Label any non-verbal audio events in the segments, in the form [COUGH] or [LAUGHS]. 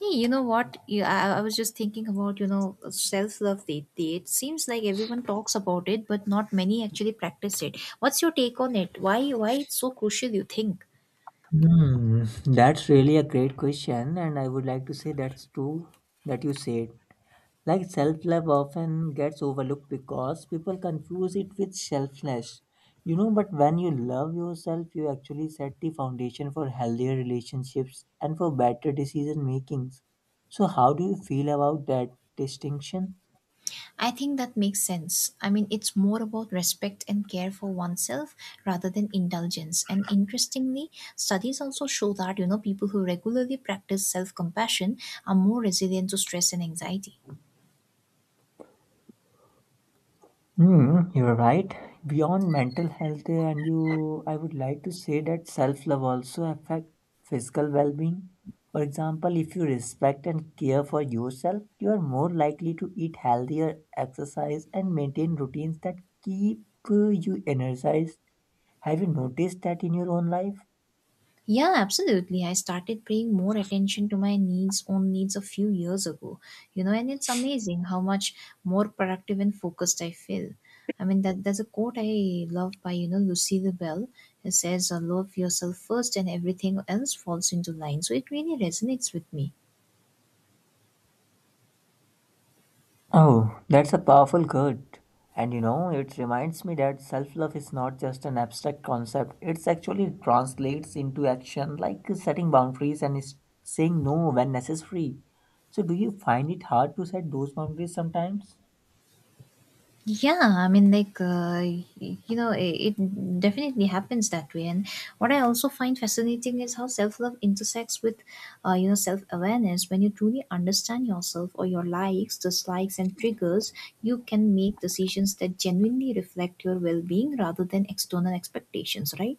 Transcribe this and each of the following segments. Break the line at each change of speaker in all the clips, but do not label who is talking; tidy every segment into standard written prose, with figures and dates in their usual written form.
Hey, you know what? I was just thinking about, you know, self-love date day. It seems like everyone talks about it, but not many actually practice it. What's your take on it? Why it's so crucial, you think?
Hmm, that's really a great question, and I would like to say that's true that you said. Like self-love often gets overlooked because people confuse it with selfless. You know, but when you love yourself, you actually set the foundation for healthier relationships and for better decision makings. So how do you feel about that distinction?
I think that makes sense. I mean, it's more about respect and care for oneself rather than indulgence. And interestingly, studies also show that, you know, people who regularly practice self-compassion are more resilient to stress and anxiety.
Hmm, you're right. Beyond mental health, and you, I would like to say that self-love also affect physical well-being. For example, if you respect and care for yourself, you are more likely to eat healthier, exercise, and maintain routines that keep you energized. Have you noticed that in your own life?
Yeah, absolutely. I started paying more attention to my needs own needs a few years ago. You know, and it's amazing how much more productive and focused I feel. I mean that there's a quote I love by, you know, Lucille Bell. It says, " Love yourself first and everything else falls into line." So it really resonates with me.
Oh, that's a powerful quote. And you know, it reminds me that self love is not just an abstract concept, it's actually translates into action like setting boundaries and saying no when necessary. So, do you find it hard to set those boundaries sometimes?
Yeah, I mean, you know, it definitely happens that way. And what I also find fascinating is how self love intersects with you know, self awareness. When you truly understand yourself or your likes, dislikes, and triggers, you can make decisions that genuinely reflect your well being rather than external expectations, right?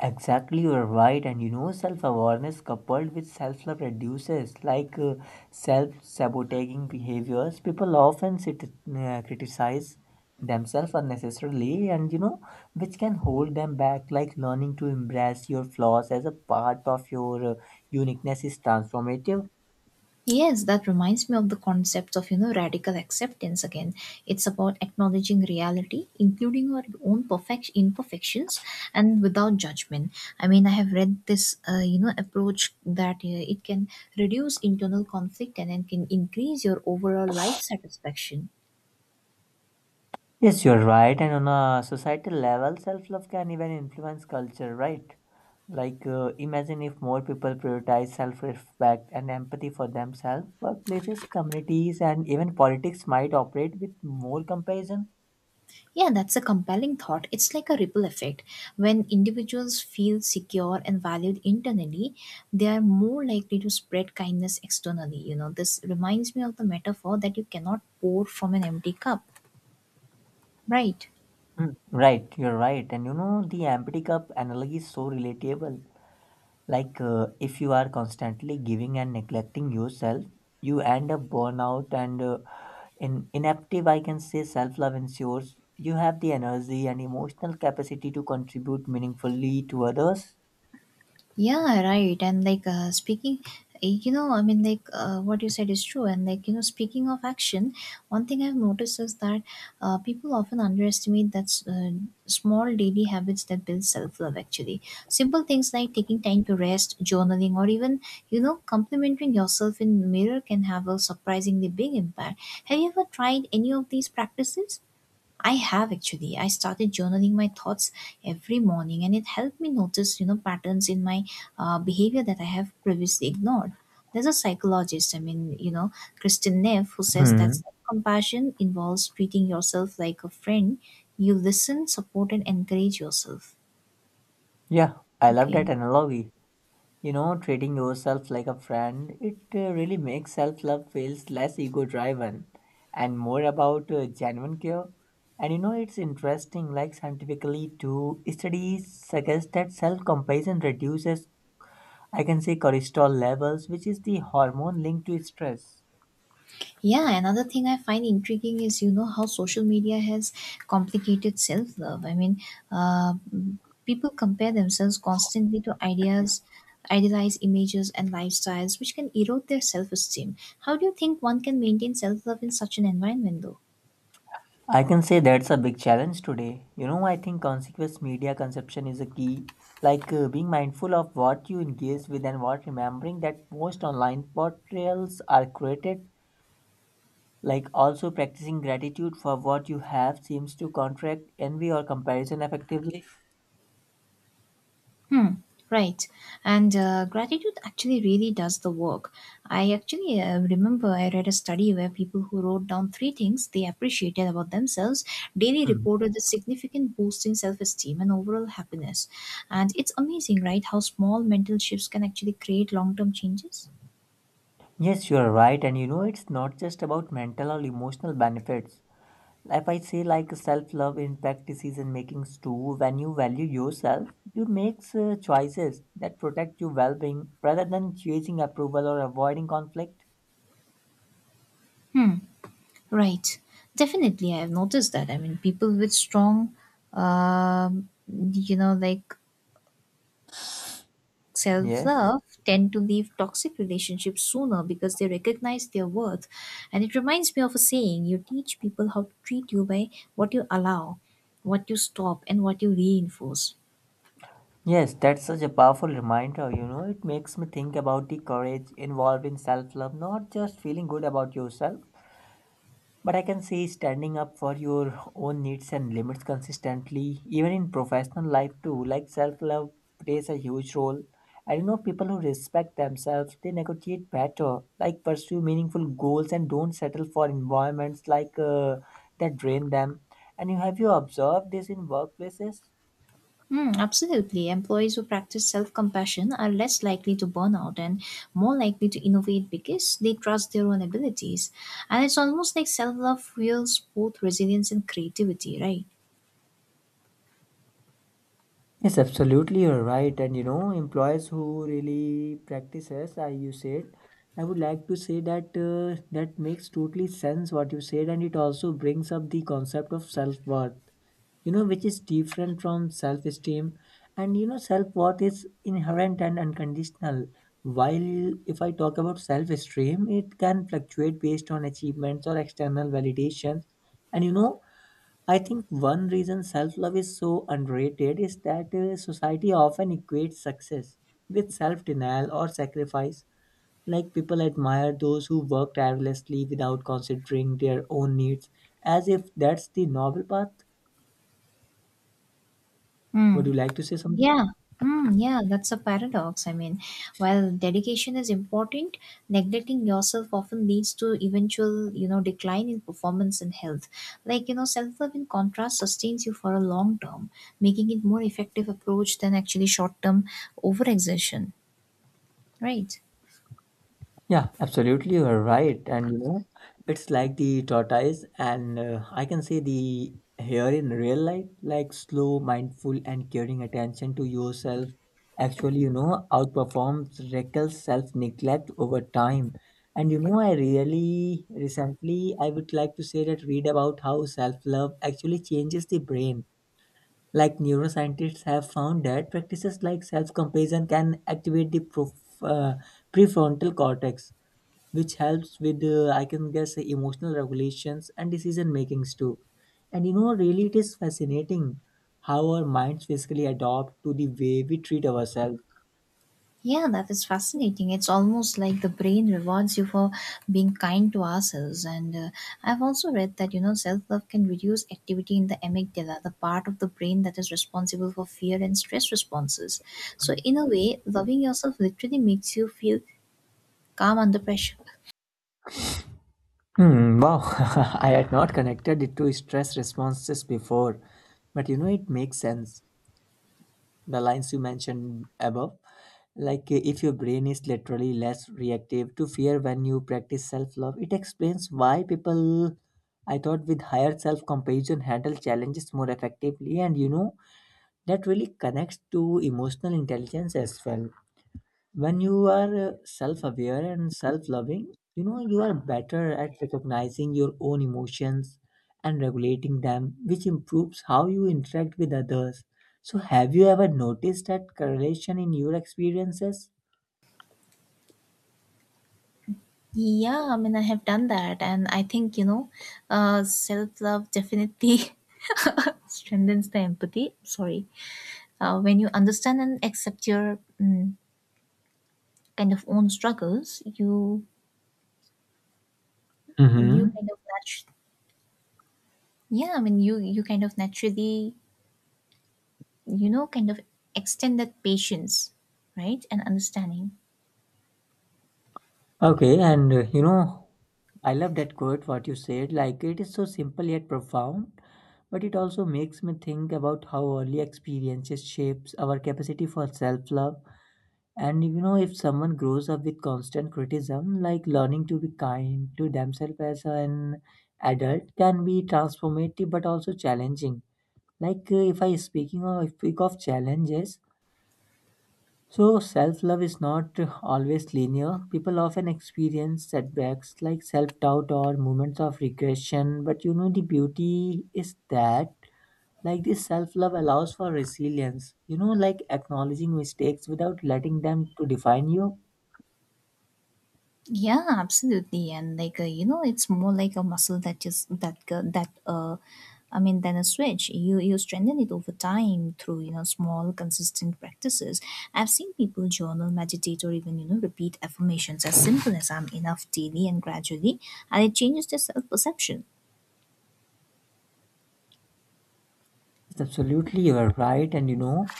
Exactly, you're right. And you know, self awareness coupled with self love reduces like self sabotaging behaviors. People often sit, criticize themselves unnecessarily, and you know, which can hold them back. Like learning to embrace your flaws as a part of your uniqueness is transformative.
Yes, that reminds me of the concept of, you know, radical acceptance again. It's about acknowledging reality, including our own perfect imperfections and without judgment. I mean, I have read this you know, approach that it can reduce internal conflict and then can increase your overall life satisfaction.
Yes, you're right. And on a societal level, self love can even influence culture, right? Like, imagine if more people prioritize self respect and empathy for themselves, workplaces, communities, and even politics might operate with more compassion.
Yeah, that's a compelling thought. It's like a ripple effect. When individuals feel secure and valued internally, they are more likely to spread kindness externally. You know, this reminds me of the metaphor that you cannot pour from an empty cup, right?
Hmm, right, you're right. And you know, the empathy cup analogy is so relatable. Like, if you are constantly giving and neglecting yourself, you end up burnout and in inactive. I can say self love ensures you have the energy and emotional capacity to contribute meaningfully to others.
Yeah, right. And you know, what you said is true. And like, you know, speaking of action, one thing I've noticed is that people often underestimate that small daily habits that build self love actually. Simple things like taking time to rest, journaling, or even, you know, complimenting yourself in mirror can have a surprisingly big impact. Have you ever tried any of these practices? I have actually. I started journaling my thoughts every morning, and it helped me notice, you know, patterns in my behavior that I have previously ignored. There's a psychologist, you know, Kristen Neff, who says that
Hmm.
self compassion involves treating yourself like a friend. You listen, support, and encourage yourself.
Yeah, I love
Okay.
that analogy. You know, treating yourself like a friend, it really makes self love feels less ego driven and more about genuine care. And you know, it's interesting, like scientifically, too, studies suggest that self compassion reduces, I can say, cortisol levels, which is the hormone linked to stress.
Yeah, another thing I find intriguing is you know how social media has complicated self love. Uh, People compare themselves constantly to ideas, idealized images, and lifestyles, which can erode their self esteem. How do you think one can maintain self love in such an environment, though?
I can say that's a big challenge today. You know, I think consequence media consumption is a key. Like being mindful of what you engage with and what remembering that most online portrayals are created. Like also practicing gratitude for what you have seems to contract envy or comparison effectively.
Hmm. Right. And gratitude actually really does the work. I actually remember I read a study where people who wrote down three things they appreciated about themselves daily
Hmm.
reported a significant boost in self esteem and overall happiness. And it's amazing, right, how small mental shifts can actually create long term changes?
Yes, you are right, and you know it's not just about mental or emotional benefits. If I say like self-love in practices and makings too, when you value yourself, you make choices that protect your well-being rather than chasing approval or avoiding conflict.
Right. Definitely. I have noticed that. I mean, people with strong, um, you know, like self
Yes.
love tend to leave toxic relationships sooner because they recognize their worth. And it reminds me of a saying, "You teach people how to treat you by what you allow, what you stop, and what you reinforce."
Yes, that's such a powerful reminder. You know, it makes me think about the courage involved in self love, not just feeling good about yourself, but I can say standing up for your own needs and limits consistently, even in professional life too, like self love plays a huge role. I know people who respect themselves, they negotiate better, like pursue meaningful goals and don't settle for environments like that drain them. And you have you observed this in workplaces?
Hmm, absolutely. Employees who practice self compassion are less likely to burn out and more likely to innovate because they trust their own abilities. And it's almost like self love fuels both resilience and creativity, right?
Yes, absolutely, you're right. And you know, employers who really practices, as you said, I would like to say that that makes totally sense what you said, and it also brings up the concept of self worth. You know, which is different from self esteem, and you know, self worth is inherent and unconditional. While if I talk about self esteem, it can fluctuate based on achievements or external validations, and you know, I think one reason self love is so underrated is that society often equates success with self denial or sacrifice. Like people admire those who work tirelessly without considering their own needs, as if that's the noble path.
Hmm.
Would you like to say something?
Yeah, yeah, that's a paradox. I mean, while dedication is important, neglecting yourself often leads to eventual, you know, decline in performance and health. Like, you know, self love in contrast sustains you for a long term, making it more effective approach than actually short term overexertion, right?
Yeah, absolutely, you're right. And you know, it's like the tortoise, and I can say the here in real life, like slow, mindful, and caring attention to yourself actually, you know, outperforms reckless self neglect over time. And you know, I really recently I would like to say that read about how self love actually changes the brain. Like neuroscientists have found that practices like self compassion can activate the prefrontal cortex which helps with I can guess emotional regulations and decision makings too, and you know really it is fascinating how our minds basically adopt to the way we treat ourselves.
Yeah, that is fascinating. It's almost like the brain rewards you for being kind to ourselves. And I've also read that, you know, self love can reduce activity in the amygdala, the part of the brain that is responsible for fear and stress responses. So, in a way, loving yourself literally makes you feel calm under pressure.
Hmm, wow, [LAUGHS] I had not connected it to stress responses before, but you know, it makes sense. The lines you mentioned above, like if your brain is literally less reactive to fear when you practice self love, it explains why people I thought with higher self compassion handle challenges more effectively. And you know, that really connects to emotional intelligence as well. When you are self-aware and self-loving, you know you are better at recognizing your own emotions and regulating them, which improves how you interact with others. So have you ever noticed that correlation in your experiences?
Yeah, I mean, I have done that. And I think, you know, self love definitely [LAUGHS] strengthens the empathy. Sorry. When you understand and accept your. Kind of own struggles, you
Mm-hmm.
kind of natu- yeah, I mean you kind of naturally you know kind of extend that patience, right, and understanding.
Okay, and you know, I love that quote what you said. Like it is so simple yet profound, but it also makes me think about how early experiences shapes our capacity for self-love. And you know, if someone grows up with constant criticism, like learning to be kind to themselves as an adult can be transformative but also challenging. Like if I speaking of if speak of challenges, so self-love is not always linear. People often experience setbacks like self-doubt or moments of regression. But you know, the beauty is that like this self-love allows for resilience. You know, like acknowledging mistakes without letting them to define you.
Yeah, absolutely, and you know, it's more like a muscle that just that go- that I mean, than a switch. You strengthen it over time through you know small consistent practices. I've seen people journal, meditate, or even you know repeat affirmations as simple as "I'm enough" daily and gradually, and it changes their self perception.
Yes, absolutely, you are right. And you know,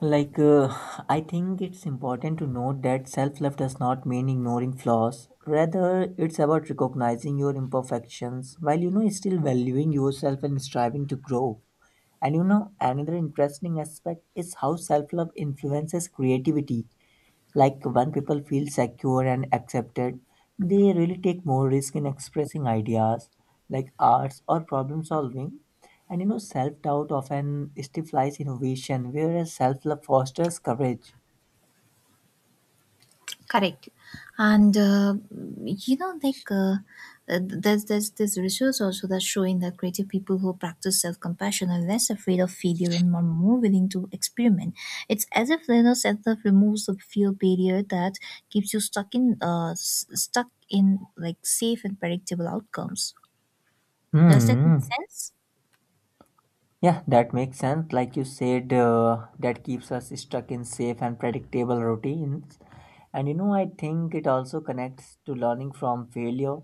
like, I think it's important to note that self love does not mean ignoring flaws. Rather, it's about recognizing your imperfections while, you know, still valuing yourself and striving to grow. And you know, another interesting aspect is how self love influences creativity, like when people feel secure and accepted, they really take more risk in expressing ideas like arts or problem solving. And you know, self-doubt often stifles innovation whereas self-love fosters courage.
Correct, and you know, like uh, there's this research also that's showing that creative people who practice self compassion are less afraid of failure and more willing to experiment. It's as if you know self love removes the fear barrier that keeps you stuck in stuck in like safe and predictable outcomes. Does that make
Hmm,
sense?
yeah, that makes sense. Like you said, that keeps us stuck in safe and predictable routines. And you know, I think it also connects to learning from failure.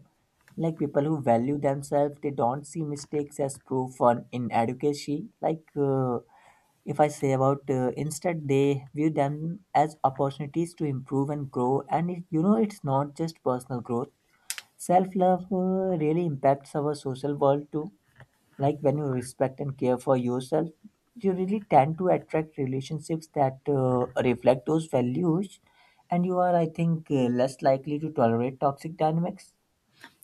Like people who value themselves, they don't see mistakes as proof on in adequacy. Like if I say about instead, they view them as opportunities to improve and grow. And it, you know, it's not just personal growth. Self love really impacts our social world too, like when you respect and care for yourself, you really tend to attract relationships that reflect those values, and you are I think less likely to tolerate toxic dynamics.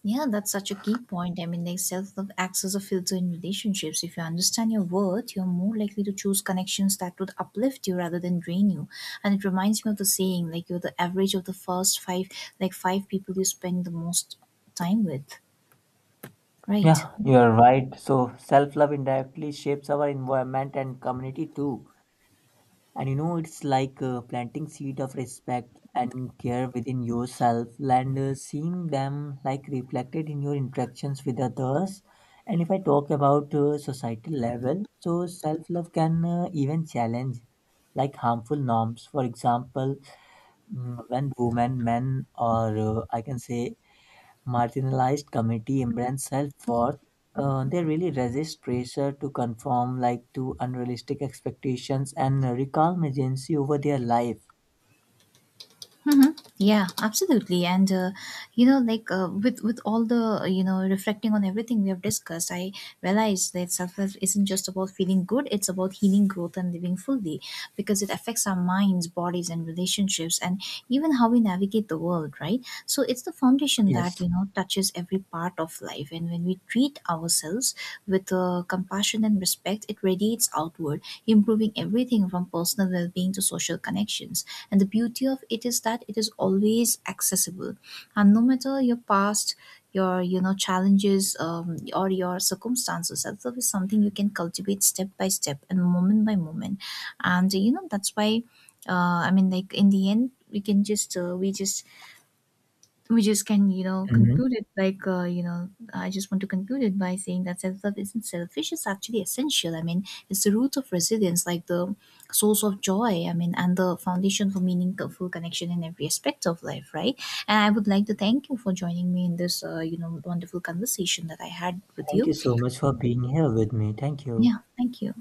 Yeah, that's such a key point. I mean, like self love acts as a filter in relationships. If you understand your worth, you're more likely to choose connections that would uplift you rather than drain you. And it reminds me of the saying, like, you're the average of the five people you spend the most time with,
Yeah,
right?
you are right. So self love indirectly shapes our environment and community too. And you know, it's like planting seed of respect and care within yourself and seeing them like reflected in your interactions with others. And if I talk about societal level, so self-love can even challenge like harmful norms. For example, when women, men, or I can say marginalized community embrace self-worth, they really resist pressure to conform like to unrealistic expectations and reclaim agency over their life.
Mm-hmm. Yeah, absolutely. And you know, with all the you know reflecting on everything we have discussed, I realized that self love isn't just about feeling good; it's about healing, growth, and living fully, because it affects our minds, bodies, and relationships, and even how we navigate the world. Right. So it's the foundation that
Yes.
you know touches every part of life, and when we treat ourselves with compassion and respect, it radiates outward, improving everything from personal well being to social connections, and the beauty of it is that it is always accessible, and no matter your past, your you know challenges or your circumstances, self-love is something you can cultivate step by step and moment by moment. And you know that's why, in the end we can just we just we just can you know
Mhm.
conclude it you know, I just want to conclude it by saying that self-love isn't selfish, it's actually essential. I mean, it's the root of resilience, like the source of joy, I mean, and the foundation for meaningful connection in every aspect of life, right? And I would like to thank you for joining me in this you know wonderful conversation that I had with
Thank
you.
you so much for being here with me. Thank you.
Yeah, thank you.